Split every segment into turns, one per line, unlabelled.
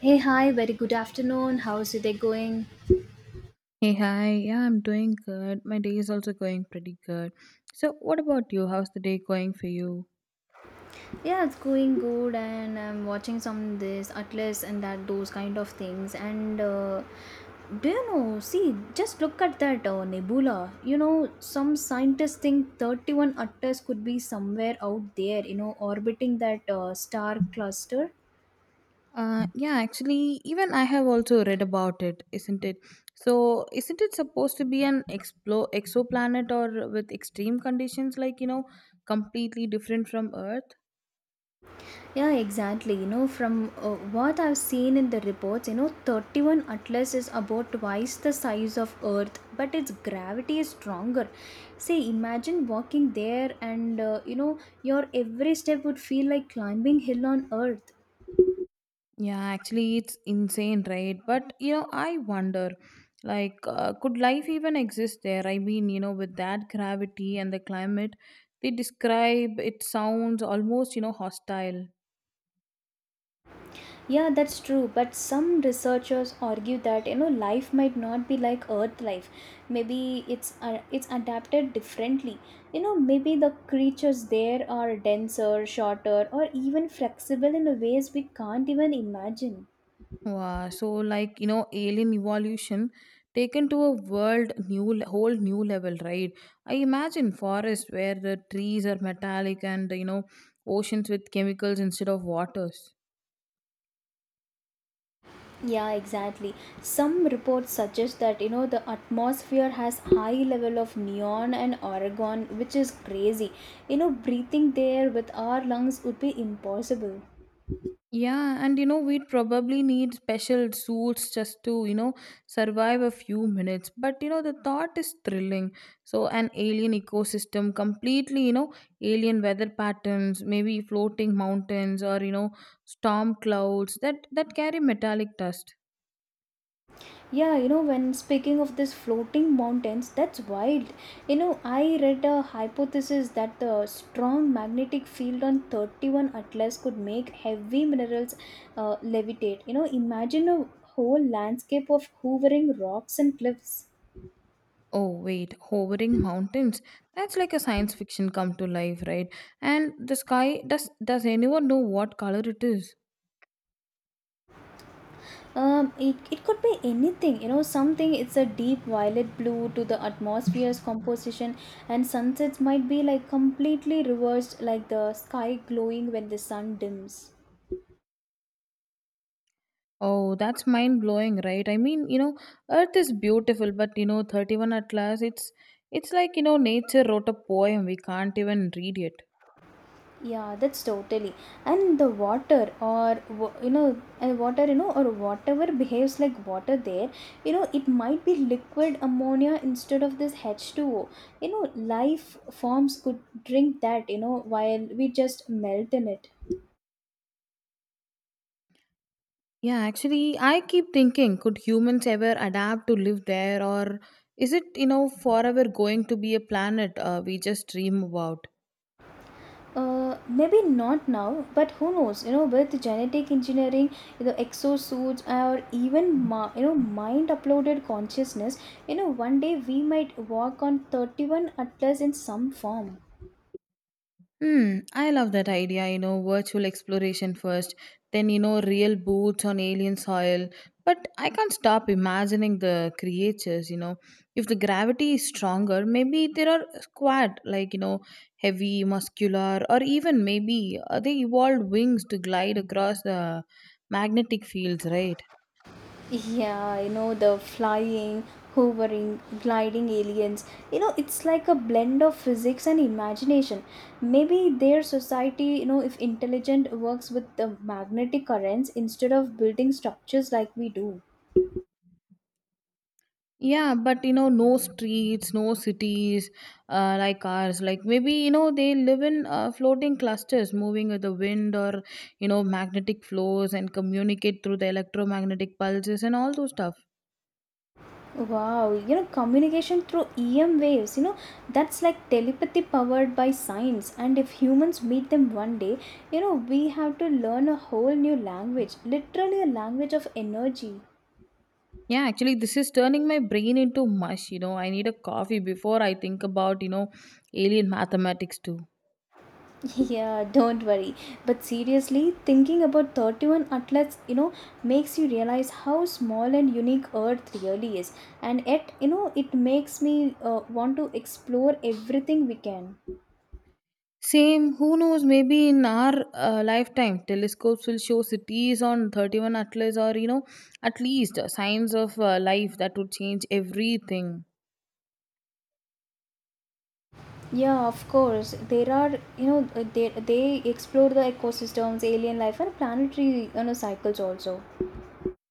Hey, hi, very good afternoon. How's your day going?
Hey, hi. Yeah, I'm doing good. My day is also going pretty good. So, what about you? How's the day going for you?
Yeah, it's going good, and I'm watching some this atlas and that those kind of things, and do you know, see, just look at that nebula. You know, some scientists think 31 atlas could be somewhere out there, you know, orbiting that star cluster.
Yeah, actually, even I have also read about it, isn't it? So, isn't it supposed to be an exoplanet or with extreme conditions, like, you know, completely different from Earth?
Yeah, exactly. You know, from what I've seen in the reports, you know, 31 Atlas is about twice the size of Earth, but its gravity is stronger. See, imagine walking there, and you know, your every step would feel like climbing hill on Earth.
Yeah, actually, it's insane, right? But you know, I wonder, could life even exist there? I mean, you know, with that gravity and the climate they describe, it sounds almost, you know, hostile.
Yeah, that's true. But some researchers argue that, you know, life might not be like Earth life. Maybe it's adapted differently. You know, maybe the creatures there are denser, shorter, or even flexible in ways we can't even imagine.
Wow. So, like, you know, alien evolution taken to a whole new level, right? I imagine forests where the trees are metallic and you know, oceans with chemicals instead of waters.
Yeah, exactly. Some reports suggest that, you know, the atmosphere has high level of neon and argon, which is crazy. You know, breathing there with our lungs would be impossible.
Yeah, and you know, we'd probably need special suits just to, you know, survive a few minutes. But you know, the thought is thrilling. So, an alien ecosystem, completely, you know, alien weather patterns, maybe floating mountains or, you know, storm clouds that carry metallic dust.
Yeah, you know, when speaking of this floating mountains, that's wild. You know, I read a hypothesis that the strong magnetic field on 31 Atlas could make heavy minerals levitate. You know, imagine a whole landscape of hovering rocks and cliffs.
Oh, wait, hovering mountains. That's like a science fiction come to life, right? And the sky, does anyone know what color it is?
It could be anything, you know, something it's a deep violet blue to the atmosphere's composition, and sunsets might be like completely reversed, like the sky glowing when the sun dims.
Oh, that's mind blowing, right? I mean, you know, Earth is beautiful, but you know, 31 Atlas, it's like, you know, nature wrote a poem. We can't even read it.
Yeah, that's totally. And the you know, and water, you know, or whatever behaves like water there, you know, it might be liquid ammonia instead of this H2O. You know, life forms could drink that, you know, while we just melt in it.
Yeah, actually, I keep thinking, could humans ever adapt to live there, or is it, you know, forever going to be a planet we just dream about?
Maybe not now, but who knows? You know, with genetic engineering, the exosuits, or even you know, mind uploaded consciousness, you know, one day we might walk on 31 atlas in some form.
I love that idea, you know, virtual exploration first, then, you know, real boots on alien soil. But I can't stop imagining the creatures, you know. If the gravity is stronger, maybe there are squad, like, you know, heavy, muscular, or even maybe they evolved wings to glide across the magnetic fields, right?
Yeah, you know, the flying, hovering, gliding aliens. You know, it's like a blend of physics and imagination. Maybe their society, you know, if intelligent, works with the magnetic currents instead of building structures like we do.
Yeah, but you know, no streets, no cities like ours. Like maybe, you know, they live in floating clusters moving with the wind or, you know, magnetic flows and communicate through the electromagnetic pulses and all those stuff.
Wow, you know, communication through EM waves, you know, that's like telepathy powered by science. And if humans meet them one day, you know, we have to learn a whole new language, literally a language of energy.
Yeah, actually, this is turning my brain into mush. You know, I need a coffee before I think about, you know, alien mathematics too.
Yeah, don't worry. But seriously, thinking about 31 athletes, you know, makes you realize how small and unique Earth really is. And yet, you know, it makes me want to explore everything we can.
Same, who knows, maybe in our lifetime, telescopes will show cities on 31 Atlas or, you know, at least signs of life that would change everything.
Yeah, of course. There are, you know, they explore the ecosystems, alien life, and planetary, you know, cycles also.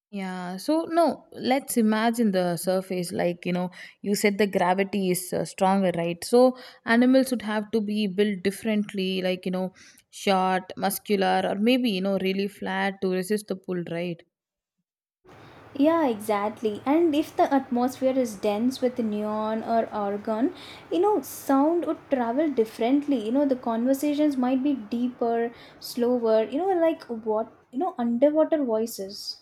Yeah, so no, let's imagine the surface. Like, you know, you said the gravity is stronger, right? So, animals would have to be built differently, like, you know, short, muscular, or maybe, you know, really flat to resist the pull, right?
Yeah, exactly. And if the atmosphere is dense with neon or argon, you know, sound would travel differently. You know, the conversations might be deeper, slower, you know, like what, you know, underwater voices.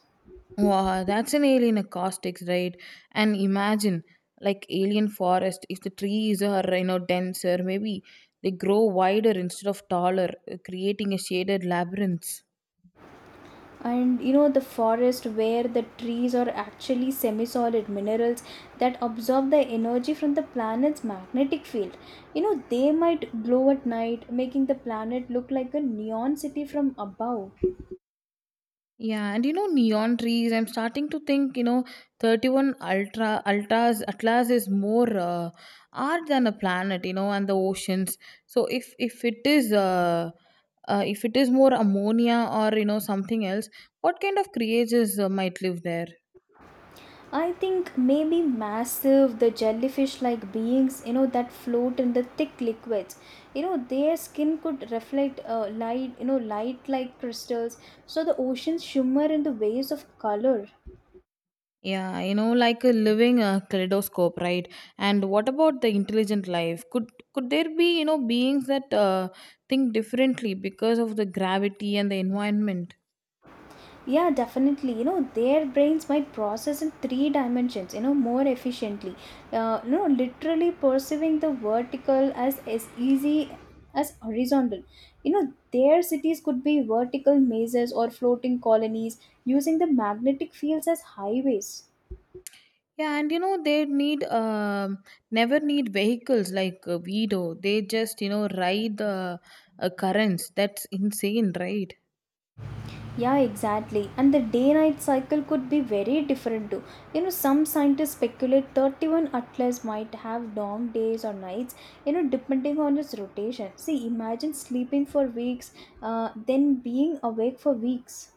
Wow, that's an alien acoustics, right? And imagine like alien forest. If the trees are you know denser, maybe they grow wider instead of taller, creating a shaded labyrinth.
And you know, the forest where the trees are actually semi solid minerals that absorb the energy from the planet's magnetic field. You know, they might glow at night, making the planet look like a neon city from above.
Yeah, and you know neon trees. I'm starting to think you know 31 Ultras Atlas is more art than a planet, you know, and the oceans. So if it is if it is more ammonia or you know something else, what kind of creatures might live there?
I think maybe massive, the jellyfish like beings, you know, that float in the thick liquids. You know, their skin could reflect light, you know, light like crystals. So the oceans shimmer in the waves of color.
Yeah, you know, like a living kaleidoscope, right? And what about the intelligent life? Could there be, you know, beings that think differently because of the gravity and the environment?
Yeah, definitely. You know, their brains might process in three dimensions, you know, more efficiently, you know, literally perceiving the vertical as easy as horizontal. You know, their cities could be vertical mazes or floating colonies using the magnetic fields as highways.
Yeah, and you know, they need never need vehicles like we do. They just, you know, ride the currents. That's insane, right?
Yeah, exactly. And the day night cycle could be very different too. You know, some scientists speculate 31 atlas might have long days or nights, you know, depending on its rotation. See, imagine sleeping for weeks, then being awake for weeks.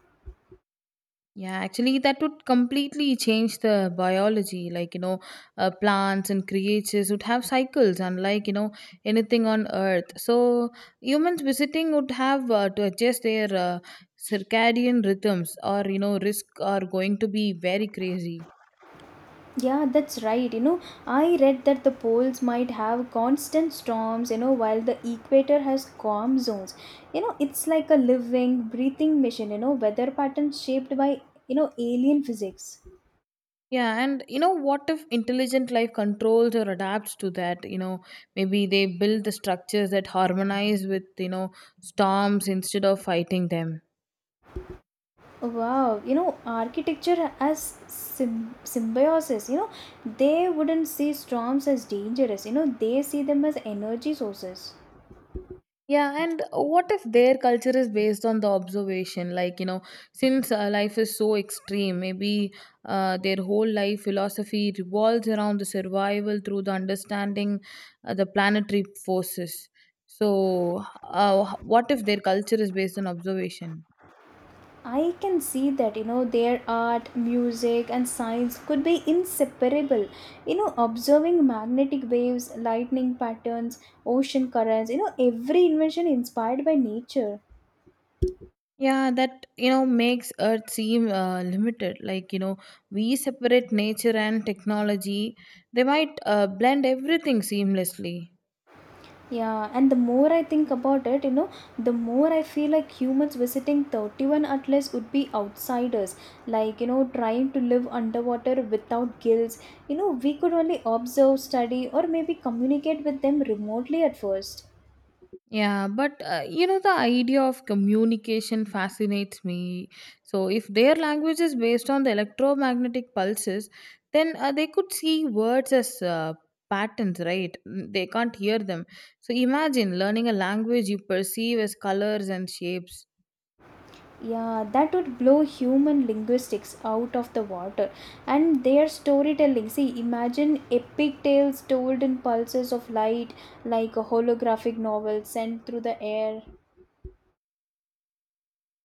Yeah, actually, that would completely change the biology. Like, you know, plants and creatures would have cycles, unlike, you know, anything on Earth. So, humans visiting would have to adjust their circadian rhythms, or, you know, risk are going to be very crazy.
Yeah, that's right. You know, I read that the poles might have constant storms, you know, while the equator has calm zones. You know, it's like a living, breathing machine, you know, weather patterns shaped by, you know, alien physics.
Yeah, and you know, what if intelligent life controls or adapts to that? You know, maybe they build the structures that harmonize with, you know, storms instead of fighting them.
Wow, you know, symbiosis, you know, they wouldn't see storms as dangerous, you know, they see them as energy sources.
Yeah, and what if their culture is based on the observation? Like, you know, since life is so extreme, maybe their whole life philosophy revolves around the survival through the understanding the planetary forces. So, what if their culture is based on observation?
I can see that, you know, their art, music, and science could be inseparable. You know, observing magnetic waves, lightning patterns, ocean currents, you know, every invention inspired by nature.
Yeah, that you know makes Earth seem limited. Like you know, we separate nature and technology; they might blend everything seamlessly.
Yeah, and the more I think about it, you know, the more I feel like humans visiting 31 atlas would be outsiders, like, you know, trying to live underwater without gills. You know, we could only observe, study, or maybe communicate with them remotely at first.
Yeah, but you know, the idea of communication fascinates me. So, if their language is based on the electromagnetic pulses, then they could see words as patterns, right? Mm, they can't hear them. So, imagine learning a language you perceive as colors and shapes.
Yeah, that would blow human linguistics out of the water. And their storytelling, see, imagine epic tales told in pulses of light, like a holographic novel sent through the air.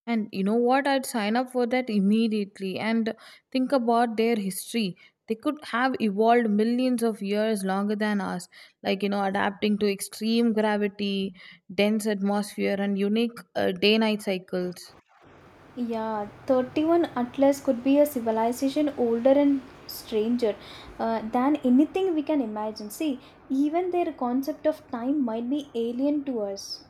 And you know what? I'd sign up for that immediately and think about their history. They could have evolved millions of years longer than us, like, you know, adapting to extreme gravity, dense atmosphere, and unique day night cycles.
Yeah, 31 Atlas could be a civilization older and stranger than anything we can imagine. See, even their concept of time might be alien to us.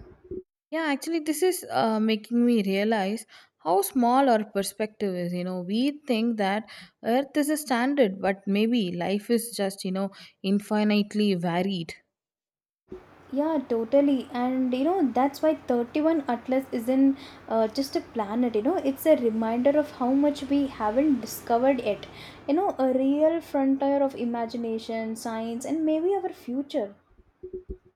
Yeah, actually, this is making me realize how small our perspective is. You know, we think that Earth is a standard, but maybe life is just, you know, infinitely varied.
Yeah, totally. And you know, that's why 31 Atlas isn't just a planet, you know, it's a reminder of how much we haven't discovered yet. You know, a real frontier of imagination, science, and maybe our future.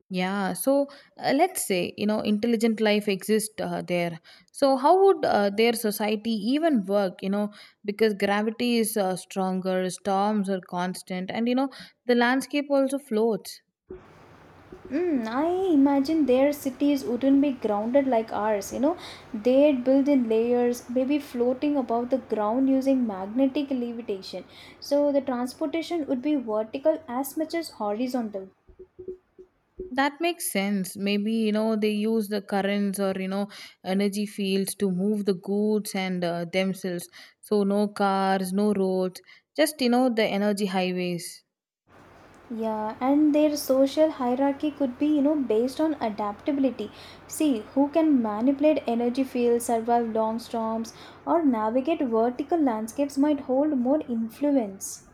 Yeah, so let's say, you know, intelligent life exists there. So, how would their society even work, you know, because gravity is stronger, storms are constant, and, you know, the landscape also floats.
I imagine their cities wouldn't be grounded like ours. You know, they'd build in layers, maybe floating above the ground using magnetic levitation. So the transportation would be vertical as much as horizontal.
That makes sense. Maybe, you know, they use the currents or, you know, energy fields to move the goods and themselves. So, no cars, no roads, just, you know, the energy highways.
Yeah, and their social hierarchy could be, you know, based on adaptability. See, who can manipulate energy fields, survive long storms, or navigate vertical landscapes might hold more influence.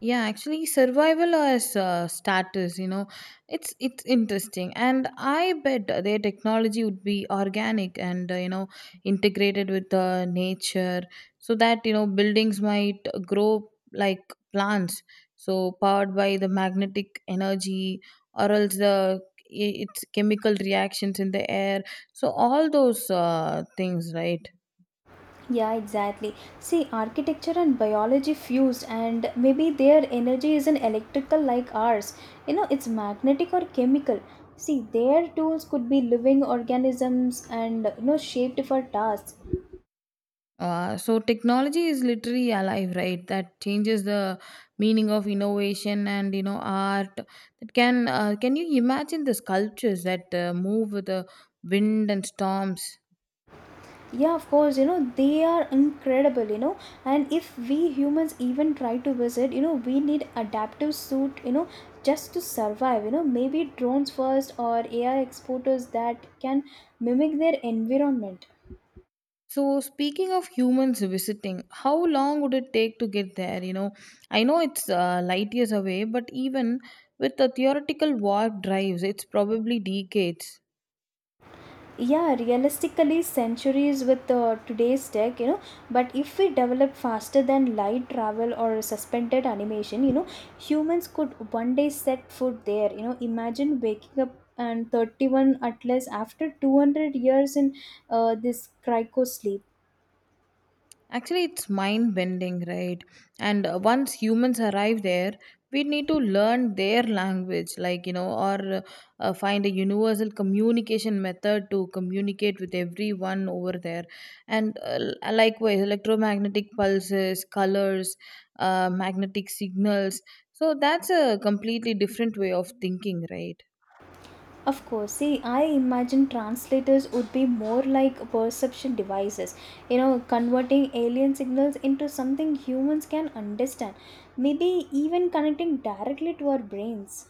Yeah, actually survival as status, you know, it's interesting. And I bet their technology would be organic and, you know, integrated with nature. So that, you know, buildings might grow like plants, so powered by the magnetic energy, or else the its chemical reactions in the air. So all those things, right?
Yeah, exactly. See, architecture and biology fused, and maybe their energy isn't electrical like ours. You know, it's magnetic or chemical. See, their tools could be living organisms, and you know, shaped for tasks.
So technology is literally alive, right? That changes the meaning of innovation and you know art. That can you imagine the sculptures that move with the wind and storms?
Yeah, of course, you know, they are incredible, you know. And if we humans even try to visit, you know, we need adaptive suit, you know, just to survive, you know, maybe drones first or AI exporters that can mimic their environment.
So speaking of humans visiting, how long would it take to get there? You know, I know it's light years away, but even with the theoretical warp drives, it's probably decades.
Yeah, realistically centuries with today's tech, you know. But if we develop faster than light travel or suspended animation, you know, humans could one day set foot there. You know, imagine waking up and 31 atlas after 200 years in this cryo sleep.
Actually, it's mind bending, right? And once humans arrive there, we need to learn their language, like, you know, or find a universal communication method to communicate with everyone over there. And likewise, electromagnetic pulses, colors, magnetic signals. So that's a completely different way of thinking, right?
Of course, see, I imagine translators would be more like perception devices, you know, converting alien signals into something humans can understand, maybe even connecting directly to our brains.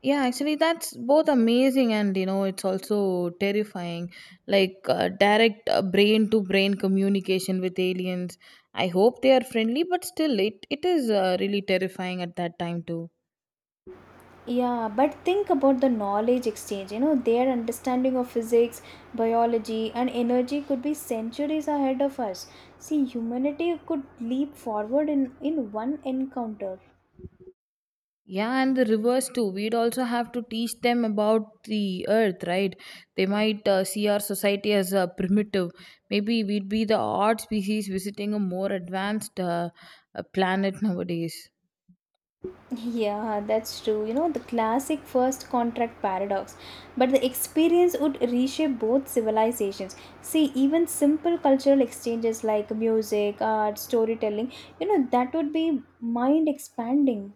Yeah, actually, that's both amazing and you know, it's also terrifying. Like direct brain to brain communication with aliens. I hope they are friendly, but still, it is really terrifying at that time, too.
Yeah, but think about the knowledge exchange. You know, their understanding of physics, biology, and energy could be centuries ahead of us. See, humanity could leap forward in one encounter.
Yeah, and the reverse, too. We'd also have to teach them about the earth, right? They might see our society as primitive. Maybe we'd be the odd species visiting a more advanced planet nowadays.
Yeah, that's true. You know, the classic first contract paradox. But the experience would reshape both civilizations. See, even simple cultural exchanges like music, art, storytelling, you know, that would be mind expanding.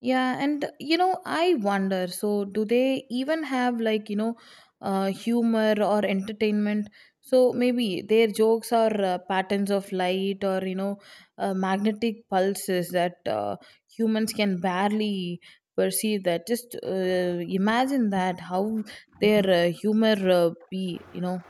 Yeah, and you know, I wonder so, do they even have like, you know, humor or entertainment? So maybe their jokes are patterns of light or, you know, magnetic pulses that humans can barely perceive that. Just imagine that how their humor be, you know.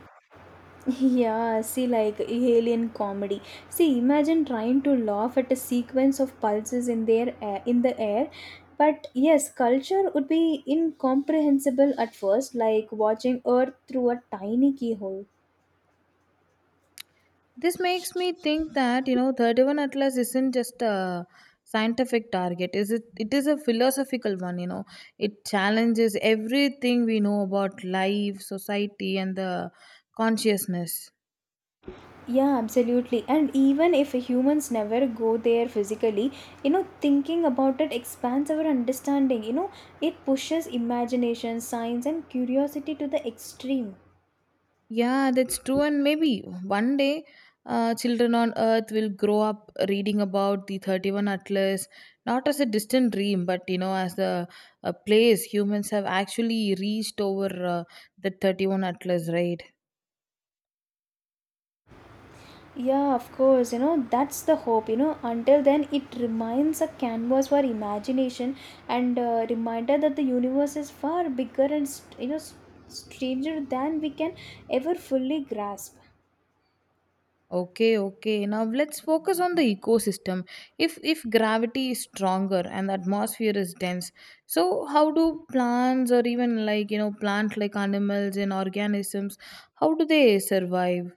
Yeah, see, like alien comedy. See, imagine trying to laugh at a sequence of pulses in the air. But yes, culture would be incomprehensible at first, like watching Earth through a tiny keyhole.
This makes me think that you know 31 Atlas isn't just a scientific target, is it? It is a philosophical one, you know. It challenges everything we know about life, society, and the consciousness.
Yeah, absolutely. And even if humans never go there physically, you know, thinking about it expands our understanding. You know, it pushes imagination, science, and curiosity to the extreme.
Yeah, that's true. And maybe one day, children on earth will grow up reading about the 31 atlas, not as a distant dream but you know as the a place humans have actually reached over, uh, the 31 atlas, right?
Yeah, of course, you know, that's the hope. You know, until then, it remains a canvas for imagination and a reminder that the universe is far bigger and, you know, stranger than we can ever fully grasp.
Okay, okay. Now let's focus on the ecosystem. If gravity is stronger and the atmosphere is dense, so how do plants or even like you know plant like animals and organisms, how do they survive?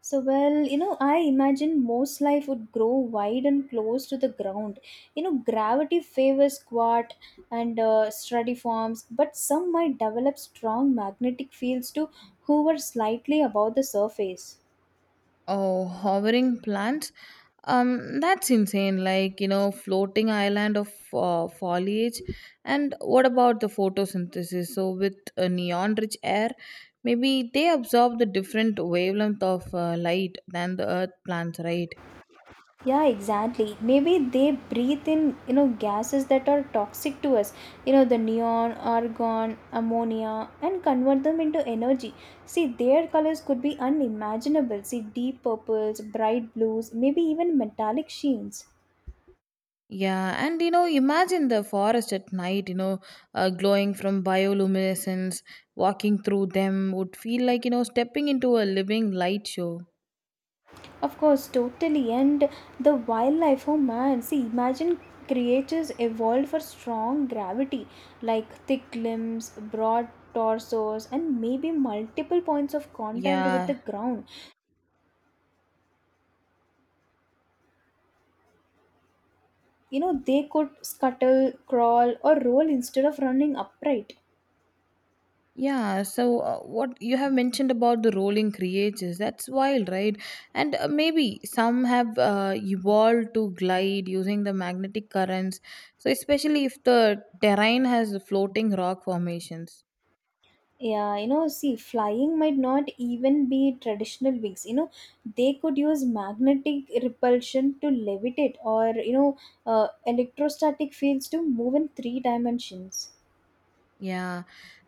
So, well, you know, I imagine most life would grow wide and close to the ground. You know, gravity favors squat and stratiforms, but some might develop strong magnetic fields to hover slightly above the surface.
Oh, hovering plants. That's insane. Like, you know, floating island of foliage. And what about the photosynthesis? So, with neon rich air, maybe they absorb the different wavelength of light than the earth plants, right?
Yeah, exactly. Maybe they breathe in, you know, gases that are toxic to us, you know, the neon, argon, ammonia, and convert them into energy. See, their colors could be unimaginable. See, deep purples, bright blues, maybe even metallic sheens.
Yeah, and you know, imagine the forest at night, you know, glowing from bioluminescence, walking through them would feel like, you know, stepping into a living light show.
Of course, totally. And the wildlife, oh man, see, imagine creatures evolved for strong gravity, like thick limbs, broad torsos, and maybe multiple points of contact with the
Yeah,
ground. You know, they could scuttle, crawl, or roll instead of running upright.
yeah, so what you have mentioned about the rolling creatures, that's wild, right? And maybe some have evolved to glide using the magnetic currents, so especially if the terrain has floating rock formations.
Yeah, you know, see, flying might not even be traditional wings. You know, they could use magnetic repulsion to levitate, or you know, electrostatic fields to move in three dimensions.
Yeah,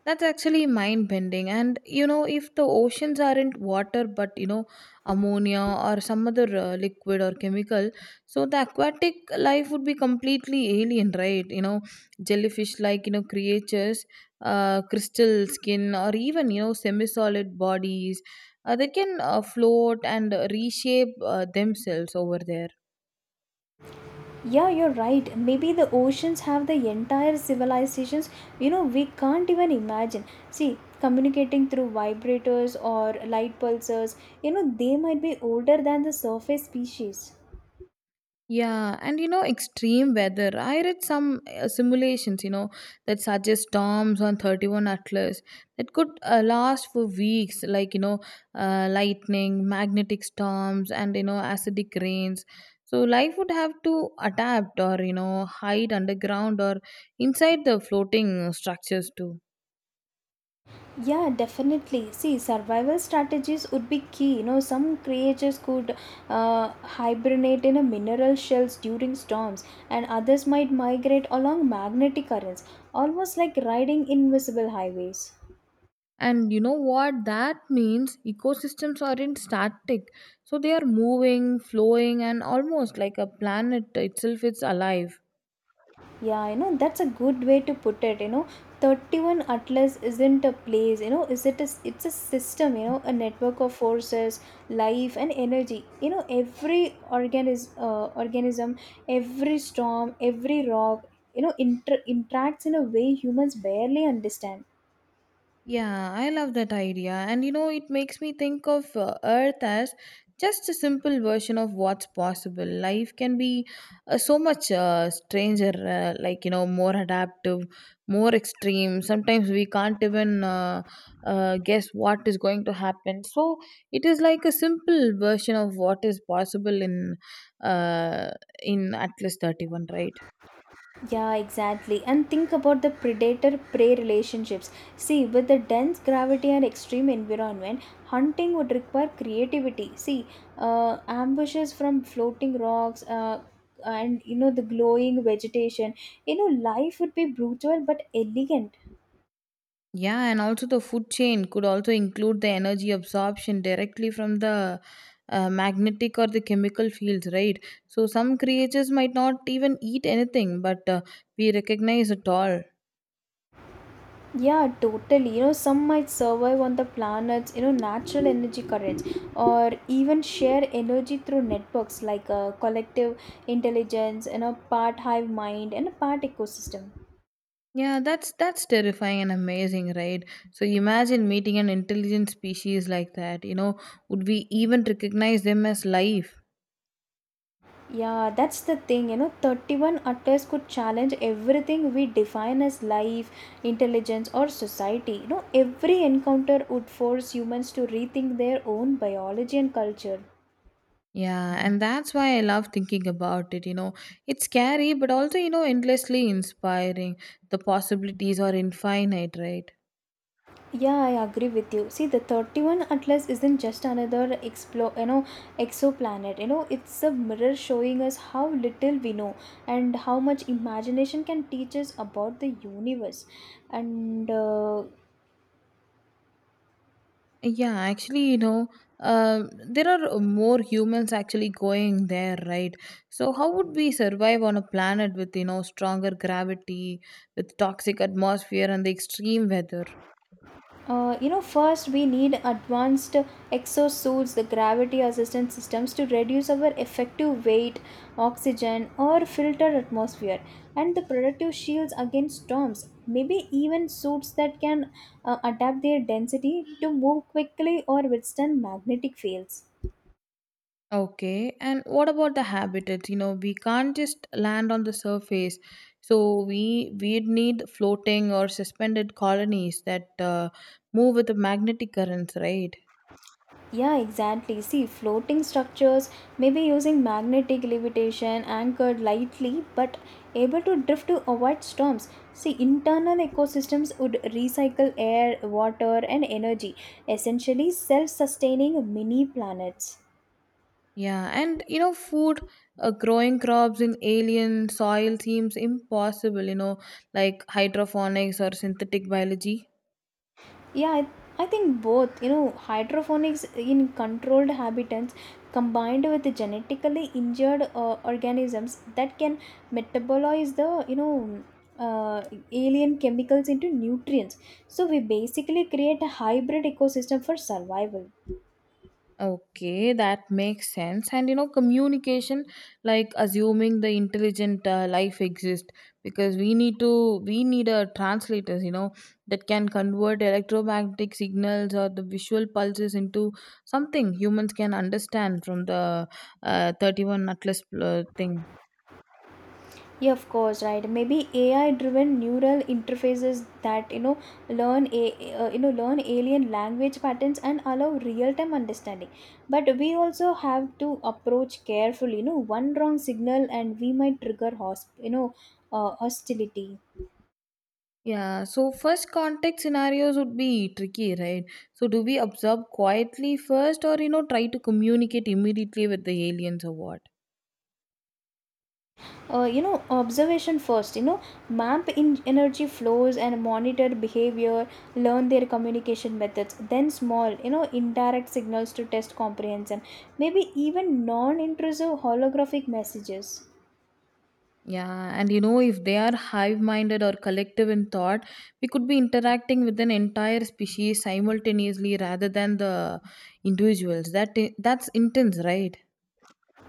that's actually mind bending. And you know, if the oceans aren't water but you know, ammonia or some other liquid or chemical, so the aquatic life would be completely alien, right? Jellyfish like creatures, crystal skin, or even semi solid bodies that can float and reshape themselves over there.
Yeah, you're right. Maybe the oceans have the entire civilizations, you know, we can't even imagine. See, communicating through vibrators or light pulsars, you know, they might be older than the surface species.
Yeah, and you know, extreme weather. I read some simulations, you know, that suggest storms on 31 Atlas that could last for weeks, like, lightning, magnetic storms, and, you know, acidic rains. So life would have to adapt or, you know, hide underground or inside the floating structures too.
Yeah, definitely. See, survival strategies would be key. You know, some creatures could hibernate in a mineral shells during storms, and others might migrate along magnetic currents, almost like riding invisible highways.
And you know what that means? Ecosystems aren't static, so they are moving, flowing, and almost like a planet itself is alive.
Yeah, that's a good way to put it. 31 Atlas isn't a place, you know, is it's a system, you know, a network of forces, life and energy. You know, every organism, every storm, every rock, you know, interacts in a way humans barely understand.
Yeah, I love that idea. And you know, it makes me think of Earth as just a simple version of what's possible. Life can be so much stranger, like, you know, more adaptive, more extreme. Sometimes we can't even guess what is going to happen. So it is like a simple version of what is possible uh, in Atlas 31, right?
Yeah, exactly. And think about the predator prey relationships. See, with the dense gravity and extreme environment, hunting would require creativity. See, ambushes from floating rocks and you know the glowing vegetation. You know, life would be brutal but elegant.
Yeah, and also the food chain could also include the energy absorption directly from the magnetic or the chemical fields, right? So some creatures might not even eat anything, but we recognize it all.
Yeah, totally. You know, some might survive on the planet's, you know, natural energy currents or even share energy through networks like a collective intelligence and a part hive mind and a part ecosystem.
Yeah, that's terrifying and amazing, right? So imagine meeting an intelligent species like that. You know, would we even recognize them as life?
Yeah, that's the thing. You know, 31 atlas could challenge everything we define as life, intelligence, or society. You know, every encounter would force humans to rethink their own biology and culture.
Yeah, and that's why I love thinking about it. You know, it's scary, but also, you know, endlessly inspiring. The possibilities are infinite, right?
Yeah, I agree with you. See, the 31 Atlas isn't just another exoplanet. You know, it's a mirror showing us how little we know and how much imagination can teach us about the universe. And
Yeah, actually, you know, there are more humans actually going there, right? So how would we survive on a planet with, you know, stronger gravity, with toxic atmosphere, and the extreme weather?
First we need advanced exosuits, the gravity assistance systems to reduce our effective weight, oxygen, or filtered atmosphere, and the protective shields against storms. Maybe even suits that can adapt their density to move quickly or withstand magnetic fields.
Okay, and what about the habitats? You know, we can't just land on the surface, so we'd need floating or suspended colonies that move with the magnetic currents, right?
Yeah, exactly. See, floating structures may be using magnetic levitation, anchored lightly but able to drift to avoid storms. See, internal ecosystems would recycle air, water, and energy, essentially self sustaining mini planets.
Yeah, and you know, food, growing crops in alien soil seems impossible. You know, like hydroponics or synthetic biology.
Yeah, I think both, you know, hydroponics in controlled habitats combined with the genetically injured organisms that can metabolize the, uh, alien chemicals into nutrients. So we basically create a hybrid ecosystem for survival.
Okay, that makes sense. And you know, communication, like assuming the intelligent life exists, because we need a translators, you know, that can convert electromagnetic signals or the visual pulses into something humans can understand from the 31 Atlas thing.
Yeah, of course, right? Maybe AI driven neural interfaces that you know learn a learn alien language patterns and allow real time understanding. But we also have to approach carefully, you know, one wrong signal and we might trigger hostility.
Yeah, so first contact scenarios would be tricky, right? So do we observe quietly first or, you know, try to communicate immediately with the aliens or what?
You know, observation first. You know, map in energy flows and monitor behavior, learn their communication methods, then small, you know, indirect signals to test comprehension, maybe even non-intrusive holographic messages.
Yeah, and you know, if they are hive minded or collective in thought, we could be interacting with an entire species simultaneously rather than the individuals. That's intense, right?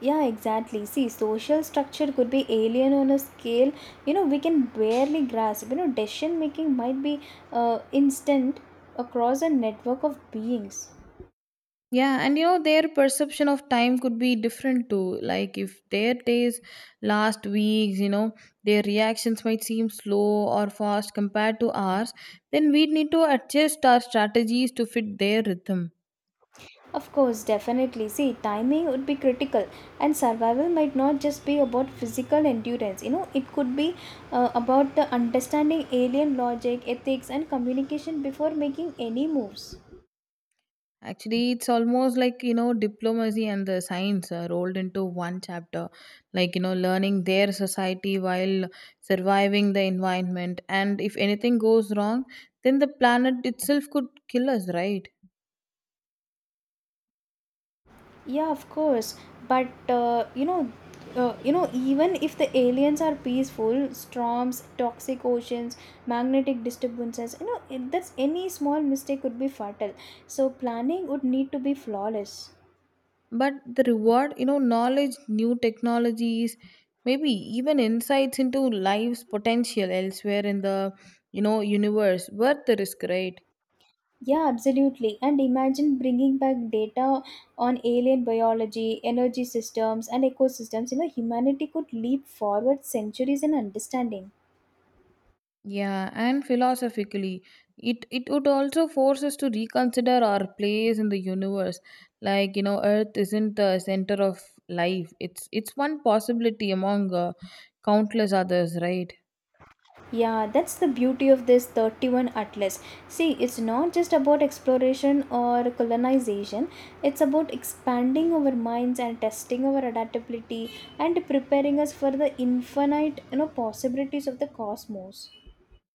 Yeah, exactly. See, social structure could be alien on a scale you know we can barely grasp. You know, decision making might be instant across a network of beings.
Yeah, and you know, their perception of time could be different too. Like if their days last weeks, you know, their reactions might seem slow or fast compared to ours, then we need to adjust our strategies to fit their rhythm.
Of course, definitely. See, timing would be critical, and survival might not just be about physical endurance. You know, it could be about the understanding alien logic, ethics, and communication before making any moves.
Actually, it's almost like, you know, diplomacy and the science are rolled into one chapter, like, you know, learning their society while surviving the environment. And if anything goes wrong, then the planet itself could kill us, right?
Yeah, of course. But uh, you know, you know, even if the aliens are peaceful, storms, toxic oceans, magnetic disturbances, you know, that's any small mistake could be fatal. So planning would need to be flawless.
But the reward, you know, knowledge, new technologies, maybe even insights into life's potential elsewhere in the, you know, universe, worth the risk, right?
Yeah, absolutely. And imagine bringing back data on alien biology, energy systems, and ecosystems. You know, humanity could leap forward centuries in understanding.
Yeah, and philosophically, it would also force us to reconsider our place in the universe. Like you know, Earth isn't the center of life. It's one possibility among countless others, right?
Yeah, that's the beauty of this 31 Atlas. See, it's not just about exploration or colonization, it's about expanding our minds and testing our adaptability and preparing us for the infinite, you know, possibilities of the cosmos.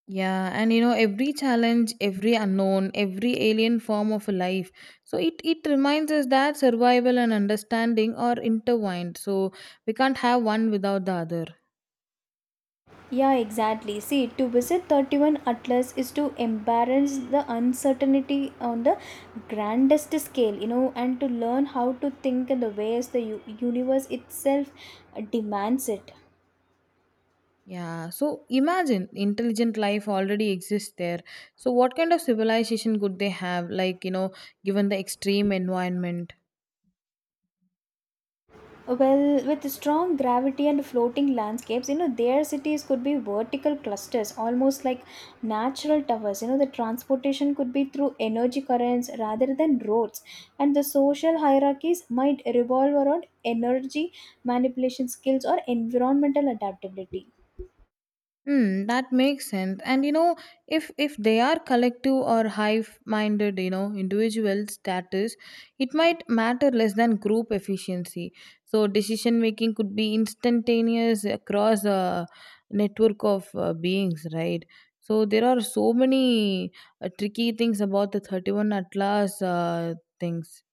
Yeah, and you know, every challenge, every unknown, every alien form of life. So it reminds us that survival and understanding are intertwined. So we can't have one without the other.
Yeah, exactly. See, to visit 31 Atlas is to embrace the uncertainty on the grandest scale, you know, and to learn how to think in the ways the universe itself demands it.
Yeah, so imagine intelligent life already exists there. So what kind of civilization could they have, like, you know, given the extreme environment?
Well, with strong gravity and floating landscapes, you know, their cities could be vertical clusters, almost like natural towers. You know, the transportation could be through energy currents rather than roads, and the social hierarchies might revolve around energy manipulation skills or environmental adaptability.
Hmm, that makes sense. And you know, if they are collective or hive-minded, you know, individual status, it might matter less than group efficiency. So decision making could be instantaneous across a network of beings, right? So there are so many tricky things about the 31 Atlas things.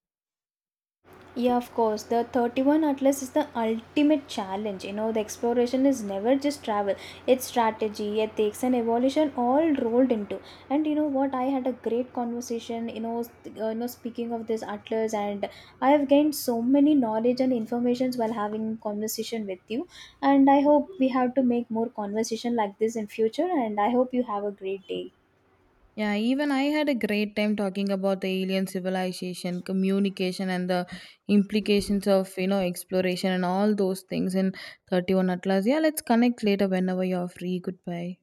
Yeah, of course. The 31 Atlas is the ultimate challenge. You know, the exploration is never just travel, it's strategy, ethics, and evolution all rolled into. And you know what? I had a great conversation, you know, speaking of this Atlas, and I have gained so many knowledge and informations while having conversation with you. And I hope we have to make more conversation like this in future. And I hope you have a great day.
Yeah, even I had a great time talking about the alien civilization, communication, and the implications of you know exploration and all those things in 31 Atlas. Yeah, let's connect later whenever you're free. Goodbye.